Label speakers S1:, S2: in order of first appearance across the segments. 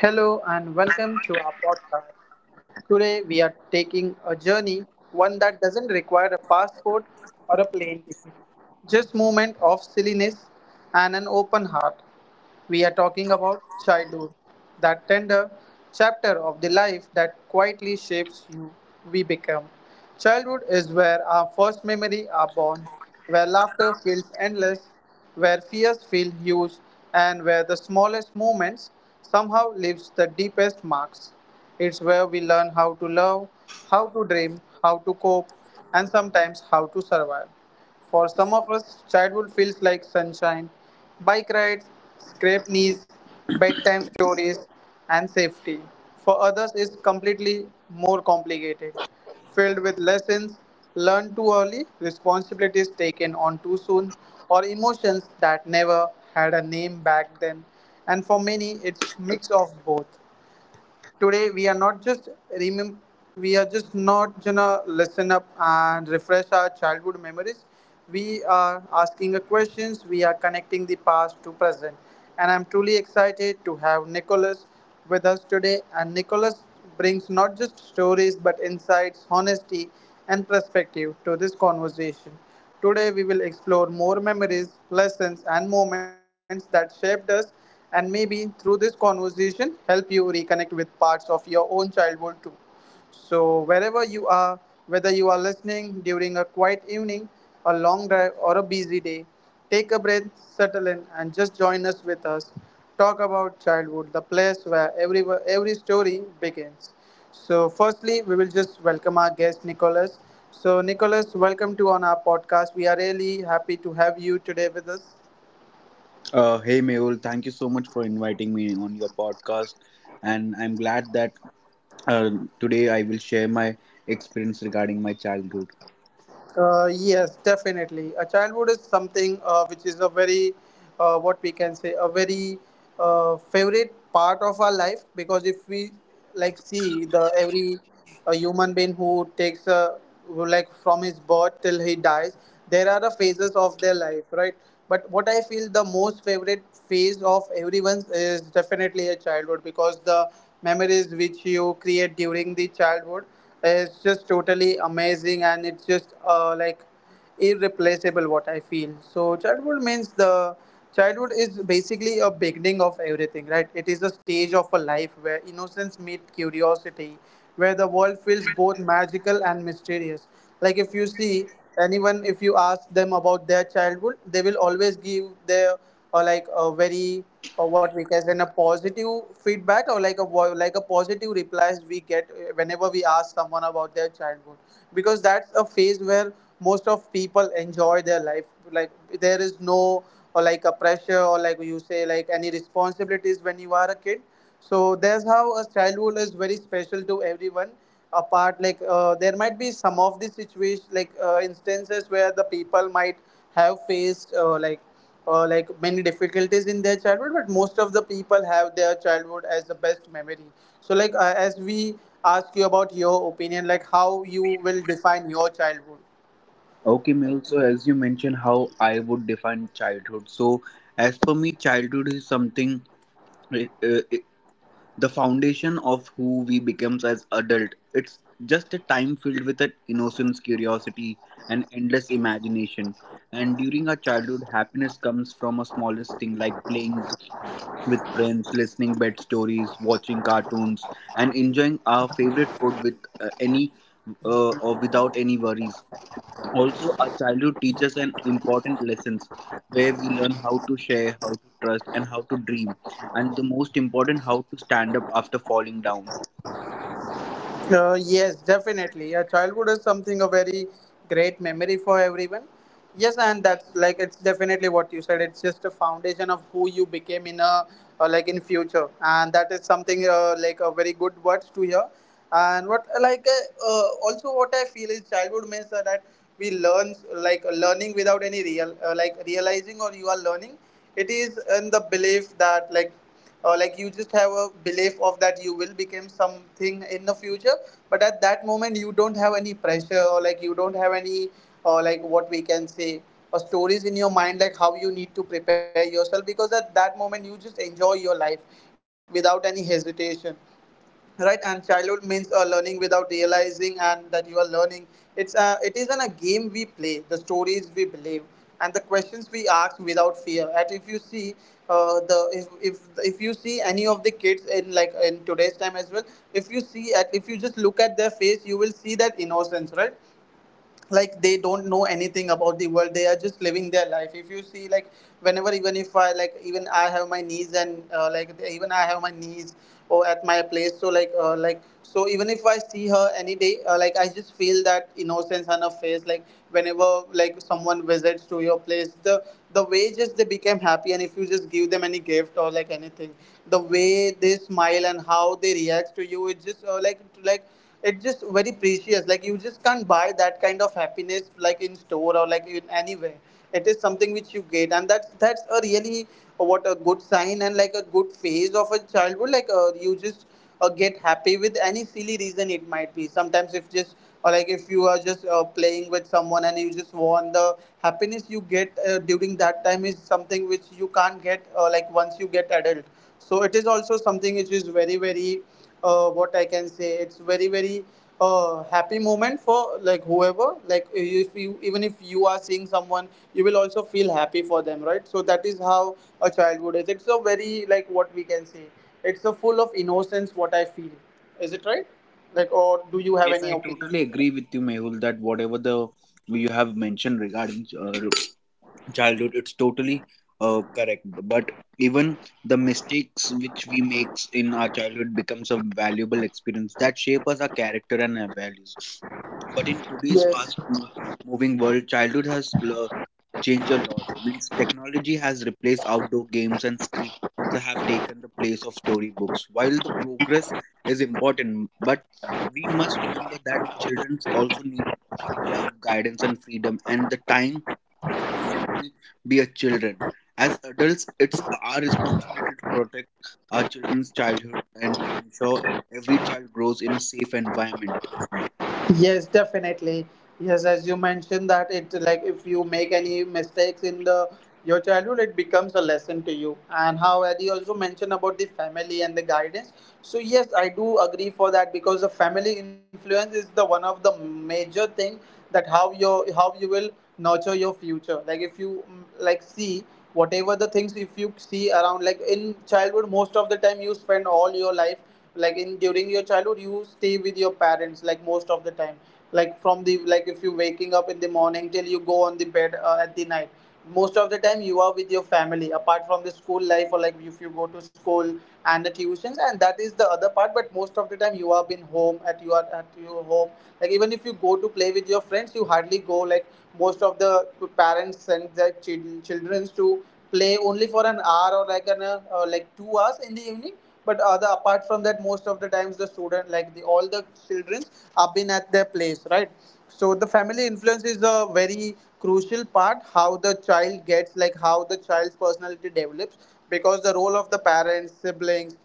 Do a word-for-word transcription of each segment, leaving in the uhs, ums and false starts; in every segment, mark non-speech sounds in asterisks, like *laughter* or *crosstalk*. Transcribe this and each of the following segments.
S1: Hello and welcome to our podcast. Today we are taking a journey, one that doesn't require a passport or a plane ticket, just moment of silliness and an open heart. We are talking about childhood, that tender chapter of the life that quietly shapes you we become. Childhood is where our first memory are born, where laughter feels endless where fears feel huge and where the smallest moments somehow leaves the deepest marks. It's where we learn how to love, how to dream, how to cope, and sometimes how to survive. For some of us, childhood feels like sunshine, bike rides, scraped knees, bedtime stories, and safety. For others, it's completely more complicated filled with lessons learned too early, responsibilities taken on too soon, or emotions that never had a name back then. And for many, it's mix of both today we are not just remember we are just not gonna listen up and refresh our childhood memories. We are asking the questions, we are connecting the past to present, and I'm truly excited to have Nicholas with us today, and Nicholas brings not just stories but insights, honesty, and perspective to this conversation. Today, we will explore more memories, lessons, and moments that shaped us, and maybe through this conversation, help you reconnect with parts of your own childhood too. So, wherever you are, whether you are listening during a quiet evening, a long drive, or a busy day, take a breath, settle in, and just join us with us. Talk about childhood, the place where every, every story begins. So, firstly, we will just welcome our guest, Nicholas. So, Nicholas, welcome to on our podcast. We are really happy to have you today with us.
S2: Uh, hey Mehul, thank you so much for inviting me on your podcast, and I'm glad that uh, today I will share my experience regarding my childhood.
S1: Uh, yes, definitely. A childhood is something uh, which is a very, uh, what we can say, a very uh, favorite part of our life because if we like see the every uh, human being who takes a who, like from his birth till he dies, there are the phases of their life, right? But what I feel the most favorite phase of everyone's is definitely a childhood because the memories which you create during the childhood it's just totally amazing, and it's just uh, like irreplaceable what I feel. So childhood means the childhood is basically a beginning of everything, right? It is a stage of a life where innocence meets curiosity, where the world feels both magical and mysterious. Like if you see anyone, if you ask them about their childhood, they will always give their uh, like a very or what we can say in a positive feedback or like a vo- like a positive replies we get uh, whenever we ask someone about their childhood because that's a phase where most of people enjoy their life like there is no or like a pressure or like you say like any responsibilities when you are a kid, so that's how a childhood is very special to everyone apart like uh, there might be some of the situation like uh, instances where the people might have faced uh, like uh, like many difficulties in their childhood, but most of the people have their childhood as the best memory. So like uh, as we ask you about your opinion, like how you will define your childhood?
S2: Okay, Mehul, so as you mentioned, how I would define childhood. So, as per me, childhood is something, uh, uh, the foundation of who we becomes as adult. It's just a time filled with an innocence, curiosity, and endless imagination. And during our childhood, happiness comes from a smallest thing like playing with friends, listening bed stories, watching cartoons, and enjoying our favorite food with uh, any uh, or without any worries. Also, our childhood teaches an important lessons where we learn how to share, how to trust, and how to dream, and the most important, how to stand up after falling down.
S1: Uh, yes, definitely. Yeah, childhood is something a very great memory for everyone. Yes, and that's like it's definitely what you said. It's just a foundation of who you became in a uh, like in future, and that is something uh, like a very good words to hear. And what like uh, uh, also what I feel is childhood means uh, that we learn like learning without any real uh, like realizing or you are learning. It is in the belief that like uh, like you just have a belief of that you will become something in the future, but at that moment you don't have any pressure or like you don't have any or like what we can say or stories in your mind like how you need to prepare yourself because at that moment you just enjoy your life without any hesitation, right? And childhood means uh, learning without realizing and that you are learning. It's a it isn't a game we play the stories we believe, and the questions we ask without fear. And if you see uh, the if, if if you see any of the kids in like in today's time as well, if you see at if you just look at their face you will see that innocence, right? Like they don't know anything about the world, they are just living their life. If you see like whenever even if I like even I have my niece and uh, like the- even I have my niece or at my place, so like uh, like so even if I see her any day uh, like I just feel that innocence on her face like whenever like someone visits to your place the the way just they became happy, and if you just give them any gift or like anything the way they smile and how they react to you, it just uh, like like it's just very precious. Like you just can't buy that kind of happiness like in store or like in anywhere, it is something which you get. And that's that's a really uh, what a good sign and like a good phase of a childhood. Like uh, you just uh, get happy with any silly reason. It might be sometimes if just or like if you are just uh, playing with someone and you just want the happiness you get uh, during that time is something which you can't get uh, like once you get adult. So it is also something which is very very uh, what I can say. It's very very uh, happy moment for like whoever. Like if you even if you are seeing someone, you will also feel happy for them, right? So that is how a childhood is. It's a very like what we can say. It's a full of innocence. What I feel. Is it right? Like or do you have
S2: Yes,
S1: any
S2: I
S1: opinion?
S2: totally agree with you, Mehul, that whatever the you have mentioned regarding uh, childhood, it's totally uh, correct. But even the mistakes which we make in our childhood becomes a valuable experience that shape us our character and our values. But in today's
S1: Yes.
S2: fast mo- moving world, childhood has l- changed a lot. Means technology has replaced outdoor games and screens that have taken the place of storybooks. While the progress is important, but we must remember that children also need love, guidance, and freedom, and the time to simply be a children. As adults, it's our responsibility to protect our children's childhood and to ensure every child grows in a safe environment.
S1: Yes, definitely. Yes, as you mentioned that it's like if you make any mistakes in the your childhood, it becomes a lesson to you. And how Eddie also mentioned about the family and the guidance. So yes, I do agree for that because the family influence is the one of the major thing that how your how you will nurture your future. Like if you mm, like see whatever the things if you see around like in childhood most of the time you spend all your life like in during your childhood you stay with your parents like most of the time, like from the like if you're waking up in the morning till you go on the bed uh, at the night most of the time you are with your family apart from the school life or like if you go to school and the tuitions and that is the other part, but most of the time you have been home at your at your home. Like even if you go to play with your friends you hardly go like most of the parents send their chil- children to play only for an hour or like an uh, uh, like two hours in the evening, but other apart from that most of the times the student like the all the children have been at their place, right? So the family influence is a very crucial part how the child gets like how the child's personality develops because the role of the parents, siblings,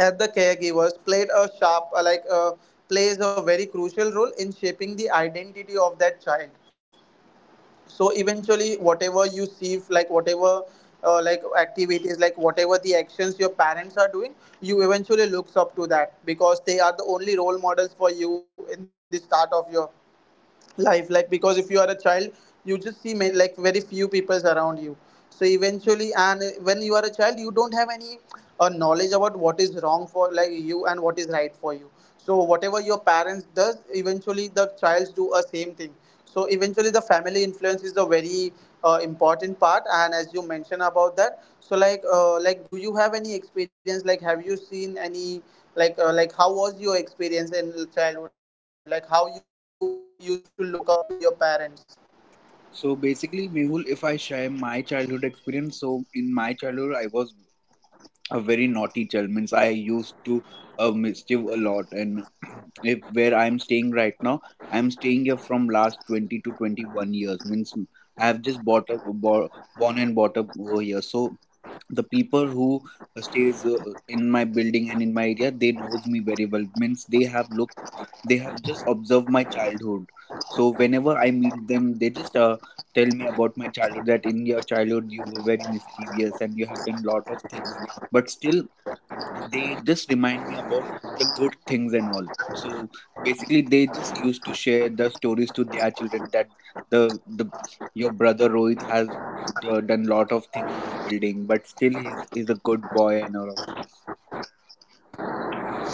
S1: and the caregivers played a sharp uh, like uh, plays a very crucial role in shaping the identity of that child. So eventually whatever you see like whatever uh, like activities like whatever the actions your parents are doing you eventually looks up to that because they are the only role models for you in the start of your life like because if you are a child you just see ma- like very few people around you. So eventually, and when you are a child you don't have any uh, knowledge about what is wrong for like you and what is right for you, so whatever your parents does eventually the childs do a same thing. So eventually the family influence is the very uh, important part. And as you mentioned about that, so like uh, like do you have any experience, like have you seen any like uh, like how was your experience in childhood, like how you used to look up to your parents?
S2: So basically, Mehul, if I share my childhood experience, so in my childhood, I was a very naughty child. Means i used to uh, mischief a lot, and *clears throat* if where I'm staying right now, I'm staying here from last twenty to twenty-one years. Means I have just bought up bo- born and bought up over here. So the people who stays uh, in my building and in my area, they knows me very well. Means they have looked they have just observed my childhood. So whenever I meet them, they just uh, tell me about my childhood, that in your childhood you were very mischievous and you have done lot of things. But still, they just remind me about the good things and all. So basically, they just used to share the stories to their children that the the your brother Rohit has d- done lot of things in a building, but still he's, he's a good boy and all.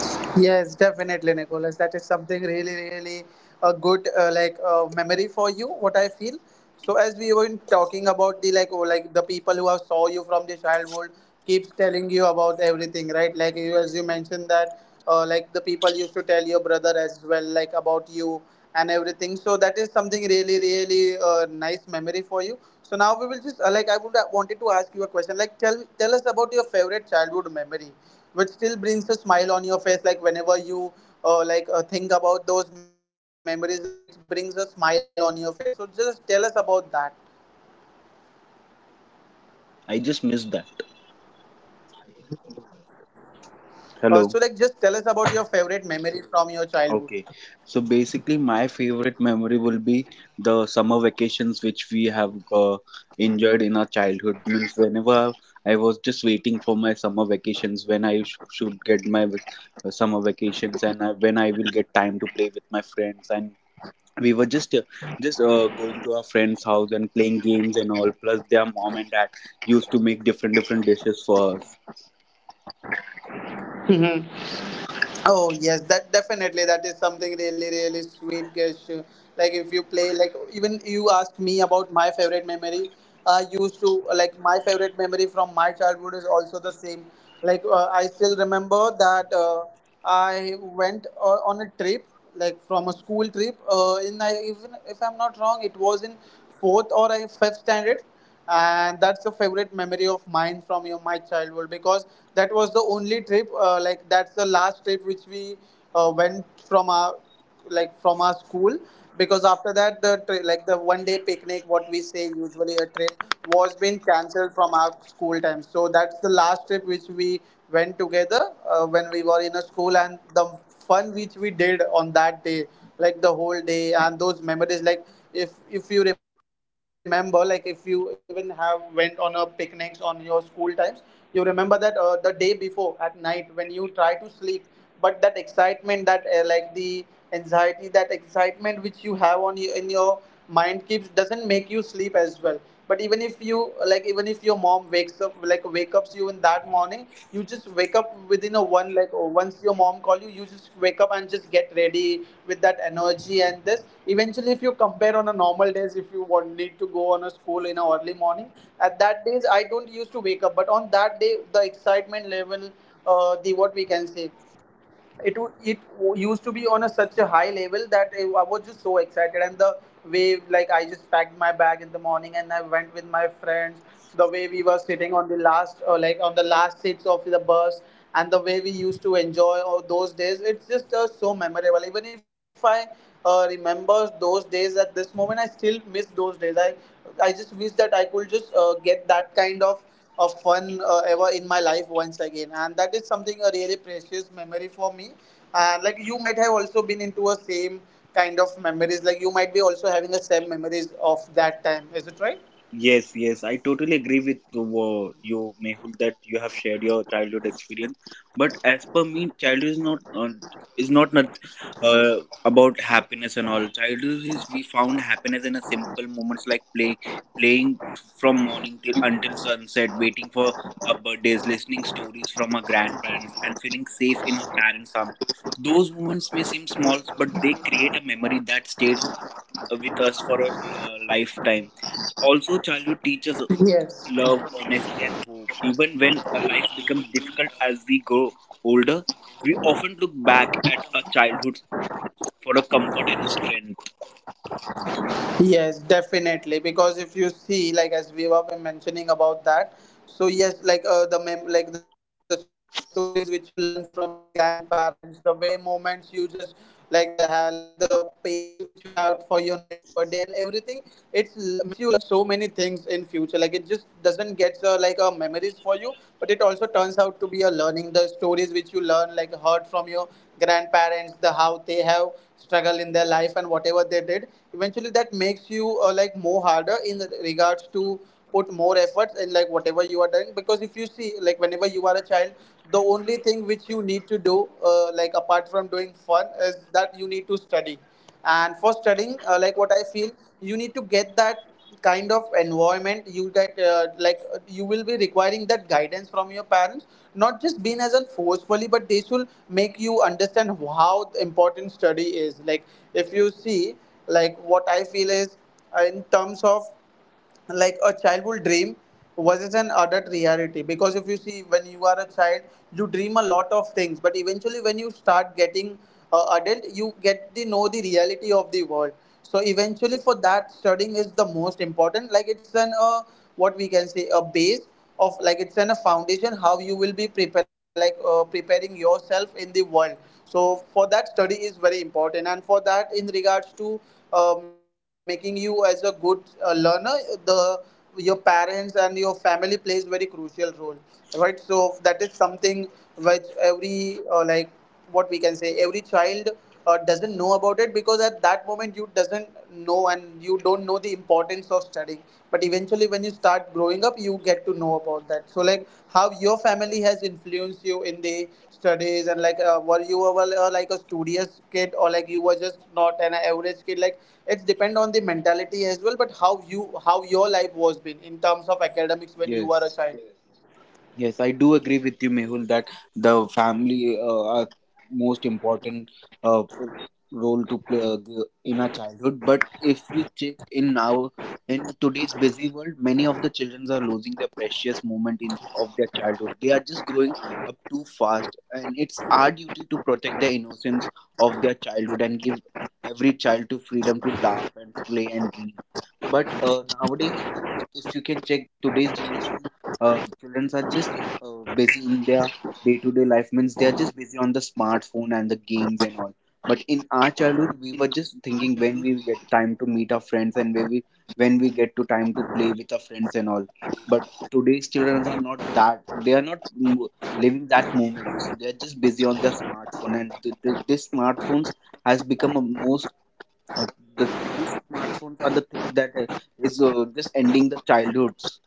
S1: Yes, definitely, Nicholas. That is something really, really a good uh, like uh, memory for you. What I feel. So as we were talking about the like oh, like the people who have saw you from the childhood keeps telling you about everything, right? Like you as you mentioned that uh, like the people used to tell your brother as well like about you and everything, so that is something really really uh, nice memory for you. So now we will just uh, like I would uh, wanted to ask you a question, like tell tell us about your favorite childhood memory which still brings a smile on your face, like whenever you uh, like uh, think about those memories, like it brings a smile on your face. So just tell us about that.
S2: I just miss that.
S1: Uh, so like just tell us
S2: Hello.
S1: about your favorite memory from your childhood.
S2: Okay, so basically, my favorite memory will be the summer vacations which we have uh, enjoyed in our childhood. Means, whenever I was just waiting for my summer vacations, when I sh- should get my v- uh, summer vacations, and I, when I will get time to play with my friends. And we were just uh, just uh, going to our friends' house and playing games and all. Plus, their mom and dad used to make different different dishes for us.
S1: *laughs* Oh yes, that definitely, that is something really really sweet gesture. Like if you play, like even you ask me about my favorite memory, I used to like my favorite memory from my childhood is also the same. Like uh, I still remember that uh, I went uh, on a trip, like from a school trip. Uh, in I Even if I'm not wrong, it was in fourth or I fifth standard, and that's a favorite memory of mine from your, my childhood, because that was the only trip, uh, like that's the last trip which we uh, went from our like from our school, because after that the tri- like the one day picnic, what we say usually a trip, was been cancelled from our school time. So that's the last trip which we went together, uh, when we were in a school. And the fun which we did on that day, like the whole day, and those memories, like if if you remember, like if you even have went on a picnics on your school times, you remember that uh, the day before at night when you try to sleep, but that excitement, that uh, like the anxiety, that excitement which you have on you in your mind keeps doesn't make you sleep as well. But even if you like even if your mom wakes up, like wake ups you in that morning, you just wake up within a one, like oh, once your mom call you, you just wake up and just get ready with that energy. And this eventually, if you compare on a normal days, if you want need to go on a school in a early morning, at that days I don't used to wake up. But on that day, the excitement level, uh, the what we can say, it wo- it used to be on a such a high level that I I was just so excited. And the way like I just packed my bag in the morning and I went with my friends, the way we were sitting on the last uh, like on the last seats of the bus, and the way we used to enjoy all those days, it's just uh, so memorable. Even if I uh, remember those days at this moment, I still miss those days. I I just wish that I could just uh, get that kind of of fun uh, ever in my life once again. And that is something a really precious memory for me. And like you might have also been into a same kind of memories, like you might be also having the same memories of that time, is it right?
S2: Yes, yes, I totally agree with uh, you, Mehul, that you have shared your childhood experience. But as per me, childhood is not uh, is not not uh, about happiness and all. Childhood is we found happiness in a simple moments like play, playing from morning till until sunset, waiting for our birthdays, listening stories from our grandparents, and feeling safe in our parents' arms. Those moments may seem small, but they create a memory that stays with us for a uh, lifetime. Also, childhood teaches
S1: Yes.
S2: love, honesty, and hope. Even when uh, life becomes difficult as we grow older, we often look back at our childhood for a comfort and a strength.
S1: Yes, definitely. Because if you see, like as we were mentioning about that, so yes, like uh, the mem- like the stories which you learn from your grandparents, the way moments you just, like the ha- like the patience which you have for your next birthday and everything, it makes you learn so many things in future. Like it just doesn't get uh, like uh, memories for you, but it also turns out to be a learning. The stories which you learn, like heard from your grandparents, the how they have struggled in their life and whatever they did, eventually that makes you uh, like more harder in regards to put more efforts in like whatever you are doing. Because if you see, like whenever you are a child, the only thing which you need to do, uh, like apart from doing fun, is that you need to study. And for studying, uh, like what I feel, you need to get that kind of environment. You get uh, like uh, you will be requiring that guidance from your parents, not just being as an forcefully, but they should make you understand how important study is. Like if you see, like what I feel is, uh, in terms of like a childhood dream versus an adult reality, because if you see, when you are a child you dream a lot of things, but eventually when you start getting uh, adult, you get to know the reality of the world. So eventually for that, studying is the most important. Like it's an uh, what we can say, a base of, like it's in a foundation how you will be prepare, like uh, preparing yourself in the world. So for that, study is very important. And for that in regards to uh, making you as a good uh, learner, the your parents and your family plays very crucial role, right? So that is something which every uh, like, what we can say, every child uh, doesn't know about it, because at that moment you doesn't know and you don't know the importance of studying. But eventually when you start growing up, you get to know about that. So like how your family has influenced you in the studies, and like uh, were you ever uh, like a studious kid, or like you were just not an average kid, like it's depend on the mentality as well, but how you how your life was been in terms of academics when you were a
S2: Yes.
S1: child?
S2: Yes, I do agree with you, Mehul, that the family uh, are most important uh, p- role to play uh, g- in our childhood. But if you check in our in today's busy world, many of the children are losing their precious moment in of their childhood. They are just growing up too fast, and it's our duty to protect the innocence of their childhood and give every child to freedom to laugh and play and dream. But uh, nowadays, uh, if you can check today's generation, uh, children are just uh, busy in their day-to-day life. Means they are just busy on the smartphone and the games and all. But in our childhood, we were just thinking when we get time to meet our friends, and when we when we get to time to play with our friends and all. But today's children are not that. They are not mm, living that moments. They are just busy on their smartphone, and th- th- this smartphones has become a most uh, the these smartphones are the things that uh, is uh, just ending the childhoods.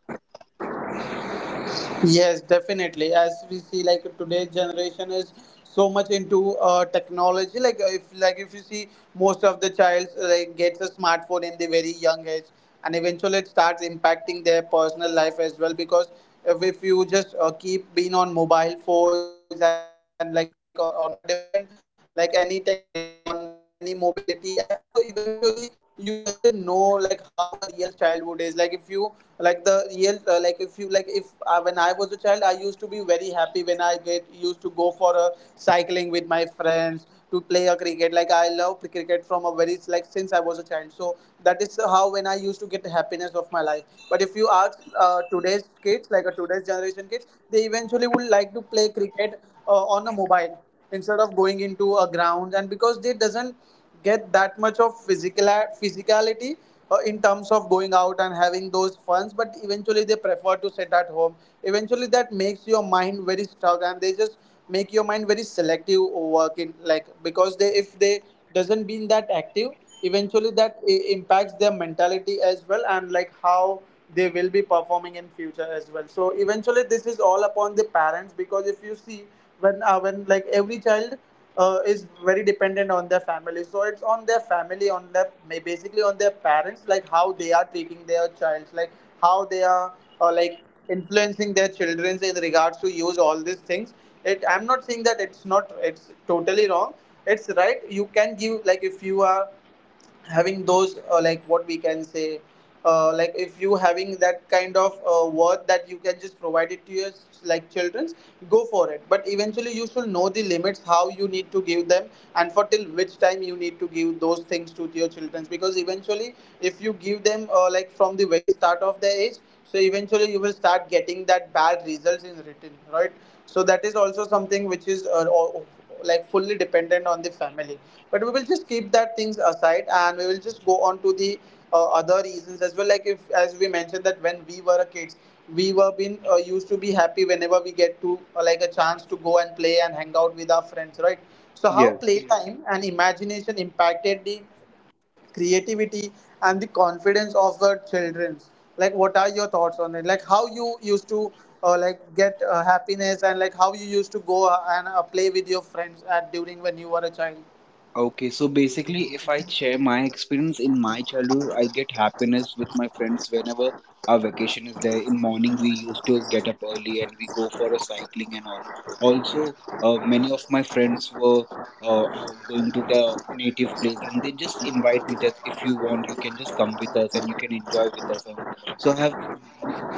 S1: Yes, definitely. As we see, like today's generation is so much into uh, technology. Like uh, if, like if you see, most of the child like gets a smartphone in the very young age, and eventually it starts impacting their personal life as well. Because if, if you just uh, keep being on mobile phones and like uh, on a different, like any tech, like on like any mobility app, so eventually you doesn't know like how a real real childhood is. Like if you, like the real uh, like if you, like if uh, when I was a child, I used to be very happy when I get used to go for a cycling with my friends, to play a cricket. Like I love cricket from a very like since I was a child. So that is how when I used to get the happiness of my life. But if you ask uh, today's kids, like a today's generation kids, they eventually would like to play cricket uh, on a mobile instead of going into a ground. And because they doesn't get that much of physical physicality uh, in terms of going out and having those funs, but eventually they prefer to sit at home. Eventually that makes your mind very stuck, and they just make your mind very selective working, like because they, if they doesn't been that active, eventually that i- impacts their mentality as well, and like how they will be performing in future as well. So eventually, this is all upon the parents, because if you see when uh, when like every child uh, is very dependent on their family, so it's on their family, on their ma- basically on their parents, like how they are treating their childs, like how they are uh, like influencing their children in regards to use all these things. It I'm not saying that it's not, it's totally wrong. It's right, you can give. Like if you are having those uh, like what we can say, uh, like if you having that kind of uh, worth that you can just provide it to your like childrens, go for it. But eventually you should know the limits, how you need to give them and for till which time you need to give those things to your childrens. Because eventually if you give them uh, like from the very start of their age, so eventually you will start getting that bad results in return, right? So that is also something which is uh, like fully dependent on the family. But we will just keep that things aside and we will just go on to the uh, other reasons as well. Like if as we mentioned that when we were a kids, we were been uh, used to be happy whenever we get to uh, like a chance to go and play and hang out with our friends, right? So how, yes,
S2: Yes.
S1: playtime and imagination impacted the creativity and the confidence of the children, like what are your thoughts on it, like how you used to uh, like get uh, happiness and Like how you used to go uh, and uh, play with your friends at during when you were a child?
S2: Okay, so basically, if I share my experience in my childhood, I get happiness with my friends whenever our vacation is there. In morning, we used to get up early and we go for a cycling and all. Also, uh, many of my friends were uh, uh, going to their native place and they just invite me that if you want, you can just come with us and you can enjoy with us. Um, So I have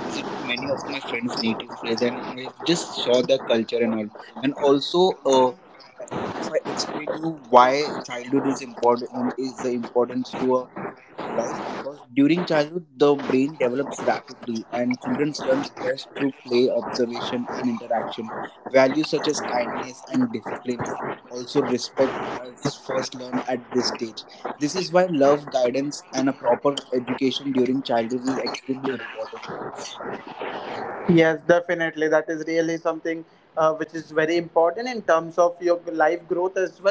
S2: visited many of my friends' native place and I have just saw their culture and all. And also, uh, if I explain you why childhood is important, um, is the importance to a life, because during childhood the brain develops rapidly and children learns best through play, observation, and interaction. Values such as kindness and discipline, also respect, as first learned at this stage. This is why love, guidance, and a proper education during childhood is extremely important to us.
S1: Yes, definitely. That is really something uh, which is very important in terms of your life growth as well.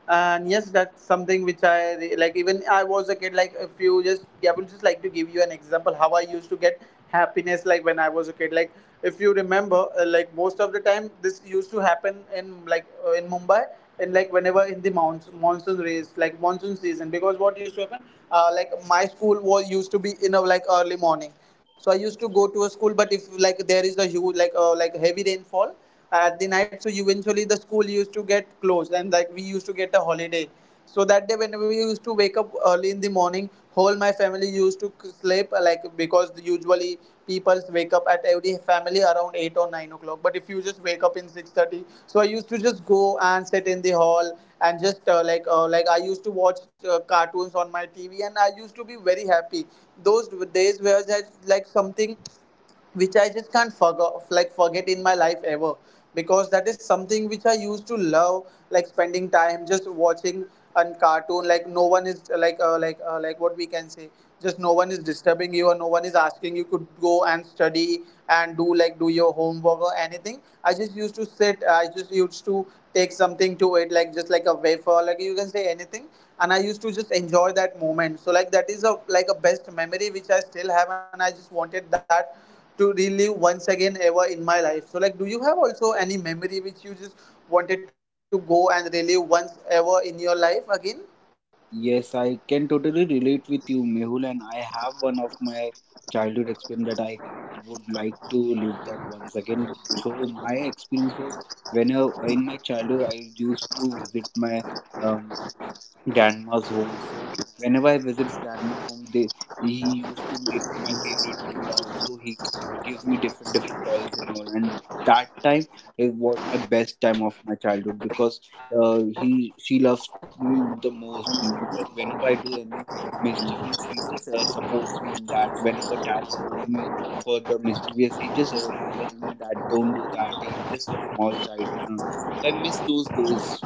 S1: And yes, that's something which I re- like. Even I was a kid. Like, if you just, I would just like to give you an example how I used to get happiness. Like when I was a kid. Like if you remember, uh, like most of the time, this used to happen in like uh, in Mumbai. And like whenever in the monsoon, monsoon race, like monsoon season, because what used to happen, uh, like my school was used to be in a like early morning, so I used to go to a school. But if like there is a huge like uh, like heavy rainfall uh, at the night, so eventually the school used to get closed and like we used to get a holiday. So that day when we used to wake up early in the morning, whole my family used to sleep, like because usually normally people wake up at every family around eight or nine o'clock. But if you just wake up in six thirty, so I used to just go and sit in the hall and just uh, like uh, like I used to watch uh, cartoons on my TV and I used to be very happy. Those days were just like something which I just can't forget, like forget in my life ever, because that is something which I used to love, like spending time just watching a cartoon. Like no one is like uh, like uh, like what we can say, just no one is disturbing you or no one is asking you could go and study and do like do your homework or anything. I just used to sit, I just used to take something to it, like just like a wafer, like you can say anything, and I used to just enjoy that moment. So like that is a like a best memory which I still have and I just wanted that to relive once again ever in my life. So, like, do you have also any memory which you just wanted to go and relive once ever in your life again?
S2: Yes, I can totally relate with you, Mehul, and I have one of my childhood experience that I would like to live that once again. So my experience was when I, in my childhood I used to visit my um, grandma's home. So whenever I visit grandma home, they he used to make my favorite food. Also, he gives me different different toys and all. And that time it was my best time of my childhood because uh, he she loves me the most. Because whenever I do any mischievous, he just uh, supports me in that. Whenever dad scolds me for the mischievous, he just uh, tells my dad, "Don't do that. He's just a small child" and all. So I miss those days.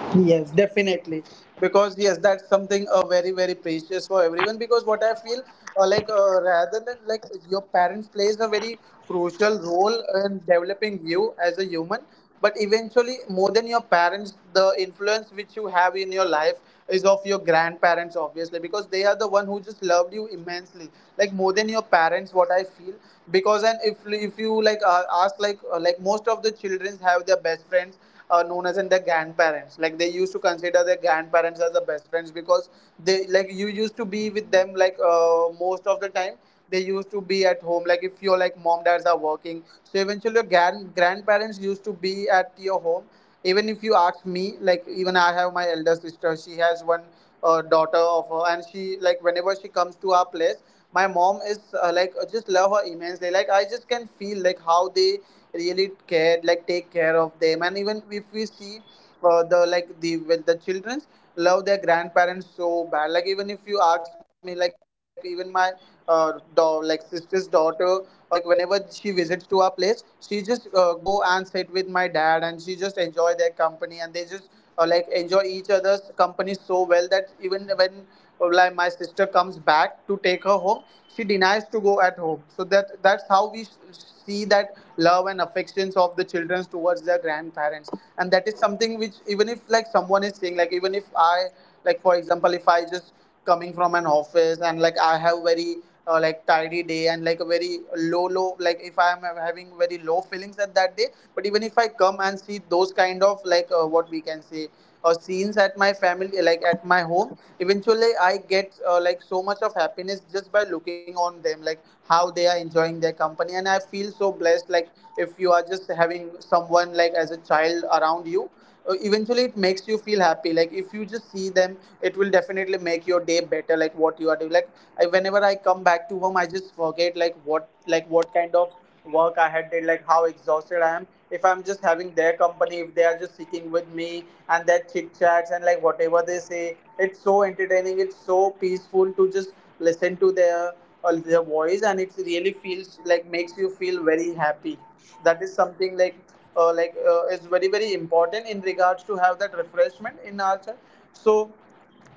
S1: Yes, definitely. Because yes, that's something uh, very very precious for everyone. Because what I feel, uh, like uh, rather than like your parents plays a very crucial role in developing you as a human. But eventually, more than your parents, the influence which you have in your life is of your grandparents, obviously, because they are the one who just loved you immensely, like more than your parents. What I feel, because and if if you like uh, ask like uh, like most of the children have their best friends uh, known as in their grandparents, like they used to consider their grandparents as the best friends because they like you used to be with
S2: Mhm.
S1: them like uh, most of the time. They used to be at home, like if your like mom dads are working, so eventually your grand- grandparents used to be at your home. Even if you ask me, like even I have my elder sister, she has one uh, daughter of her, and she like whenever she comes to our place, my mom is uh, like uh, just love her immensely. Like I just can feel like how they really care, like take care of them. And even if we see uh, the like the well, the childrens love their grandparents so bad. Like even if you ask me, like even my uh, dog like sister's daughter or like whenever she visits to our place, she just uh, go and sit with my dad and she just enjoy their company, and they just uh, like enjoy each other's company so well that even when uh, like my sister comes back to take her home, she denies to go at home. So that that's how we s- see that love and affections of the children towards their grandparents. And that is something which even if like someone is saying, like even if I, like for example, if I just coming from an office, and like I have very uh, like tidy day and like a very low low like if I am having very low feelings at that day. But even if I come and see those kind of like uh, what we can say uh, scenes at my family like at my home, eventually I get uh, like so much of happiness just by looking on them, like how they are enjoying their company. And I feel so blessed, like if you are just having someone like as a child around you, uh, eventually it makes you feel happy. Like if you just see them, it will definitely make your day better like what you are doing. Like I, whenever I come back to home, I just forget like what like what kind of work I had did, like how exhausted I am. If I'm just having their company, if they are just sitting with me and their chit chats, and like whatever they say, it's so entertaining, it's so peaceful to just listen to their uh, their voice, and it really feels like makes you feel very happy. That is something like uh, like uh, is very very important in regards to have that refreshment in our child. So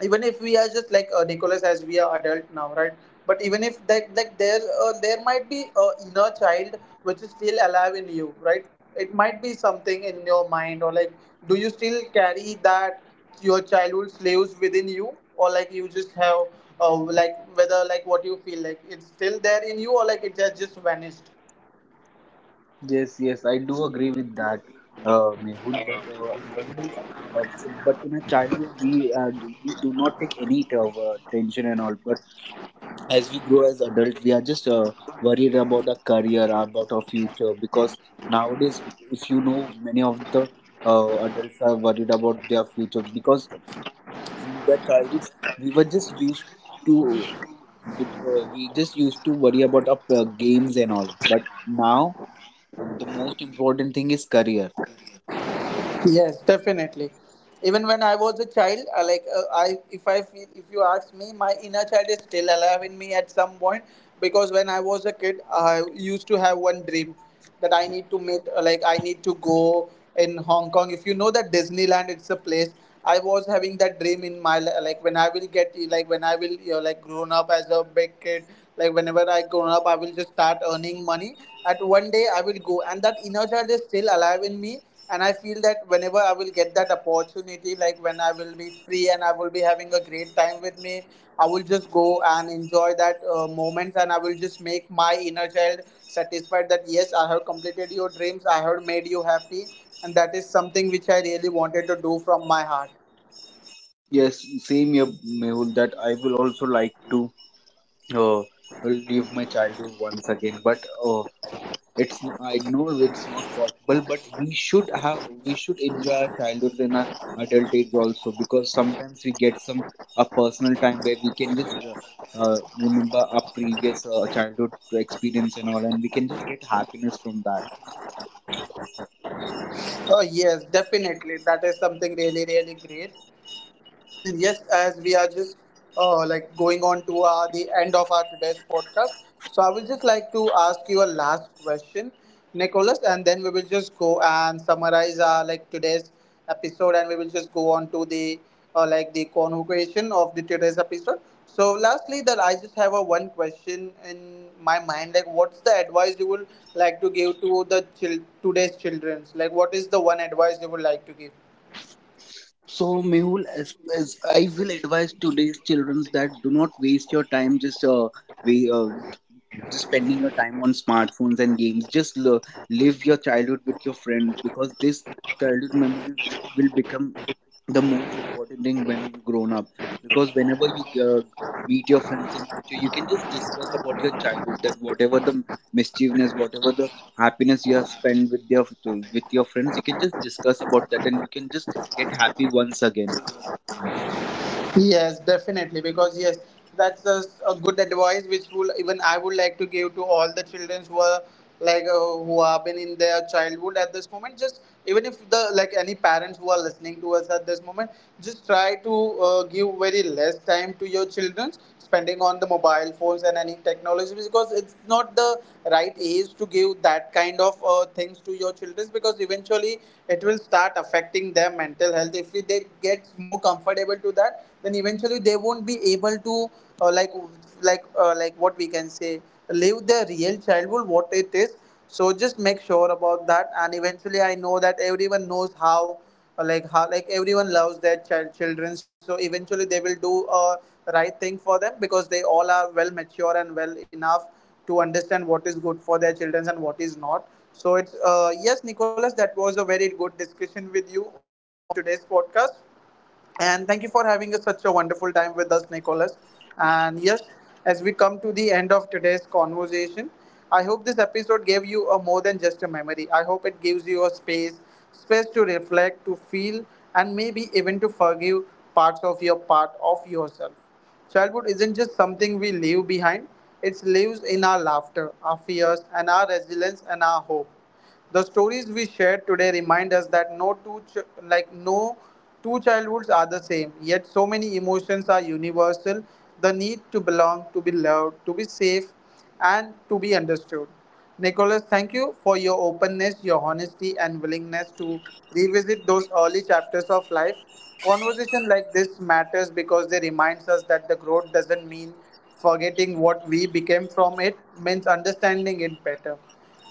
S1: even if we are just like uh, Nicholas, as we are adult now, right? But even if that like there uh, there might be a inner child which is still alive in you, right? It might be something in your mind, or like do you still carry that your childhood slaves within you, or like you just have uh, like whether like what you feel like it's still there in you, or like it has just vanished?
S2: Yes, yes, I do agree with that, uh, Mehul. But uh, nowadays, uh, but in a childhood, we uh, do- we do not take any t- of, uh, tension and all. But as we grow as adults, we are just uh, worried about our career, about our future. Because nowadays, if you know, many of the uh, adults are worried about their future, because in their childhoods, we were just used to but uh, we just used to worry about our uh, games and all. But now the most important thing is career.
S1: Yes, definitely. Even when I was a child, I like uh, I, if I feel, if you ask me, my inner child is still alive in me at some point, because when I was a kid, I used to have one dream that I need to meet, uh, like I need to go in Hong Kong. If you know that Disneyland, it's a place. I was having that dream in my li- like when I will get, like when I will you know, like grown up as a big kid. Like whenever I grown up, I will just start earning money. At one day, I will go, and that inner child is still alive in me. And I feel that whenever I will get that opportunity, like when I will be free and I will be having a great time with me, I will just go and enjoy that uh, moments, and I will just make my inner child satisfied that yes, I have completed your dreams, I have made you happy, and that is something which I really wanted to do from my heart.
S2: Yes, same here, Mehul, that I will also like to uh, live my childhood once again. But uh, it's n- I know it's not possible. But we should have we should enjoy our childhood in our adult age also, because sometimes we get some a personal time where we can just uh, uh, remember our previous uh, childhood experience and all, and we can just get happiness from that.
S1: Oh yes, definitely. That is something really, really great. And yes, as we are just uh, like going on to uh, the end of our today's podcast, so I will just like to ask you a last question, Nicholas, and then we will just go and summarize our like today's episode, and we will just go on to the uh, like the convocation of the today's episode. So, lastly, that I just have a one question in my mind, like what's the advice you would like to give to the chil- today's childrens? Like, what is the one advice you would like to give?
S2: So Mehul, as, as I will advise today's children that do not waste your time just uh, way, just spending your time on smartphones and games. Just lo- live your childhood with your friends, because this childhood memories will become the most important thing when you grown up. Because whenever you uh, meet your friends in future, you can just discuss about your childhood, that whatever the mischievousness, whatever the happiness you have spent with your with your friends, you can just discuss about that and you can just get happy once again.
S1: Yes, definitely. Because yes, that's a, a good advice which will even I would like to give to all the children who are like uh, who have been in their childhood at this moment. Just even if the like any parents who are listening to us at this moment, just try to uh, give very less time to your children spending on the mobile phones and any technology, because it's not the right age to give that kind of uh, things to your children, because eventually it will start affecting their mental health. If they get more more comfortable to that, then eventually they won't be able to uh, like like uh, like what we can say live their real childhood what it is. So just make sure about that. And eventually I know that everyone knows how uh, like how like everyone loves their child children, so eventually they will do a right thing for them, because they all are well mature and well enough to understand what is good for their children and what is not. So it's uh, yes Nicholas, that was a very good discussion with you on today's podcast. And thank you for having us such a wonderful time with us, Nicholas. And yes, as we come to the end of today's conversation, I hope this episode gave you a more than just a memory. I hope it gives you a space, space to reflect, to feel, and maybe even to forgive parts of your part of yourself. Childhood isn't just something we leave behind, it lives in our laughter, our fears, and our resilience and our hope. The stories we shared today remind us that no two ch- like no two childhoods are the same, yet so many emotions are universal. The need to belong, to be loved, to be safe, and to be understood. Nicholas, thank you for your openness, your honesty, and willingness to revisit those early chapters of life. Conversation like this matters because they reminds us that the growth doesn't mean forgetting what we became from it, means understanding it better.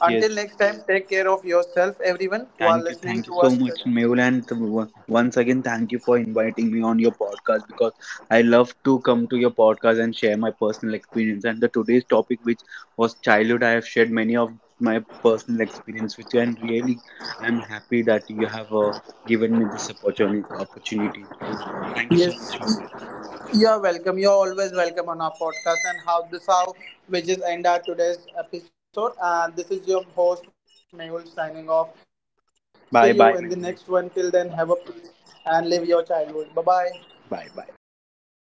S1: Until
S2: Yes.
S1: next time, take care of yourself, everyone who are
S2: Thank you,
S1: listening
S2: thank you
S1: to
S2: so
S1: us
S2: much,
S1: today.
S2: Mehul, and w- once again, thank you for inviting me on your podcast, because I love to come to your podcast and share my personal experience. And the today's topic, which was childhood, I have shared many of my personal experience with you, and really, I am happy that you have uh, given me this opportunity. Opportunity. Thank you so
S1: Yes,
S2: much, Mehul.
S1: you're welcome. You're always welcome on our podcast. And how this how we just end our today's episode. And this is your host Mehul signing off. See you in the next one. Till then,
S2: Bye,
S1: have
S2: bye,
S1: a peace
S2: Mehul.
S1: and
S2: Bye,
S1: live your childhood. Bye bye.
S2: bye, bye, bye, bro.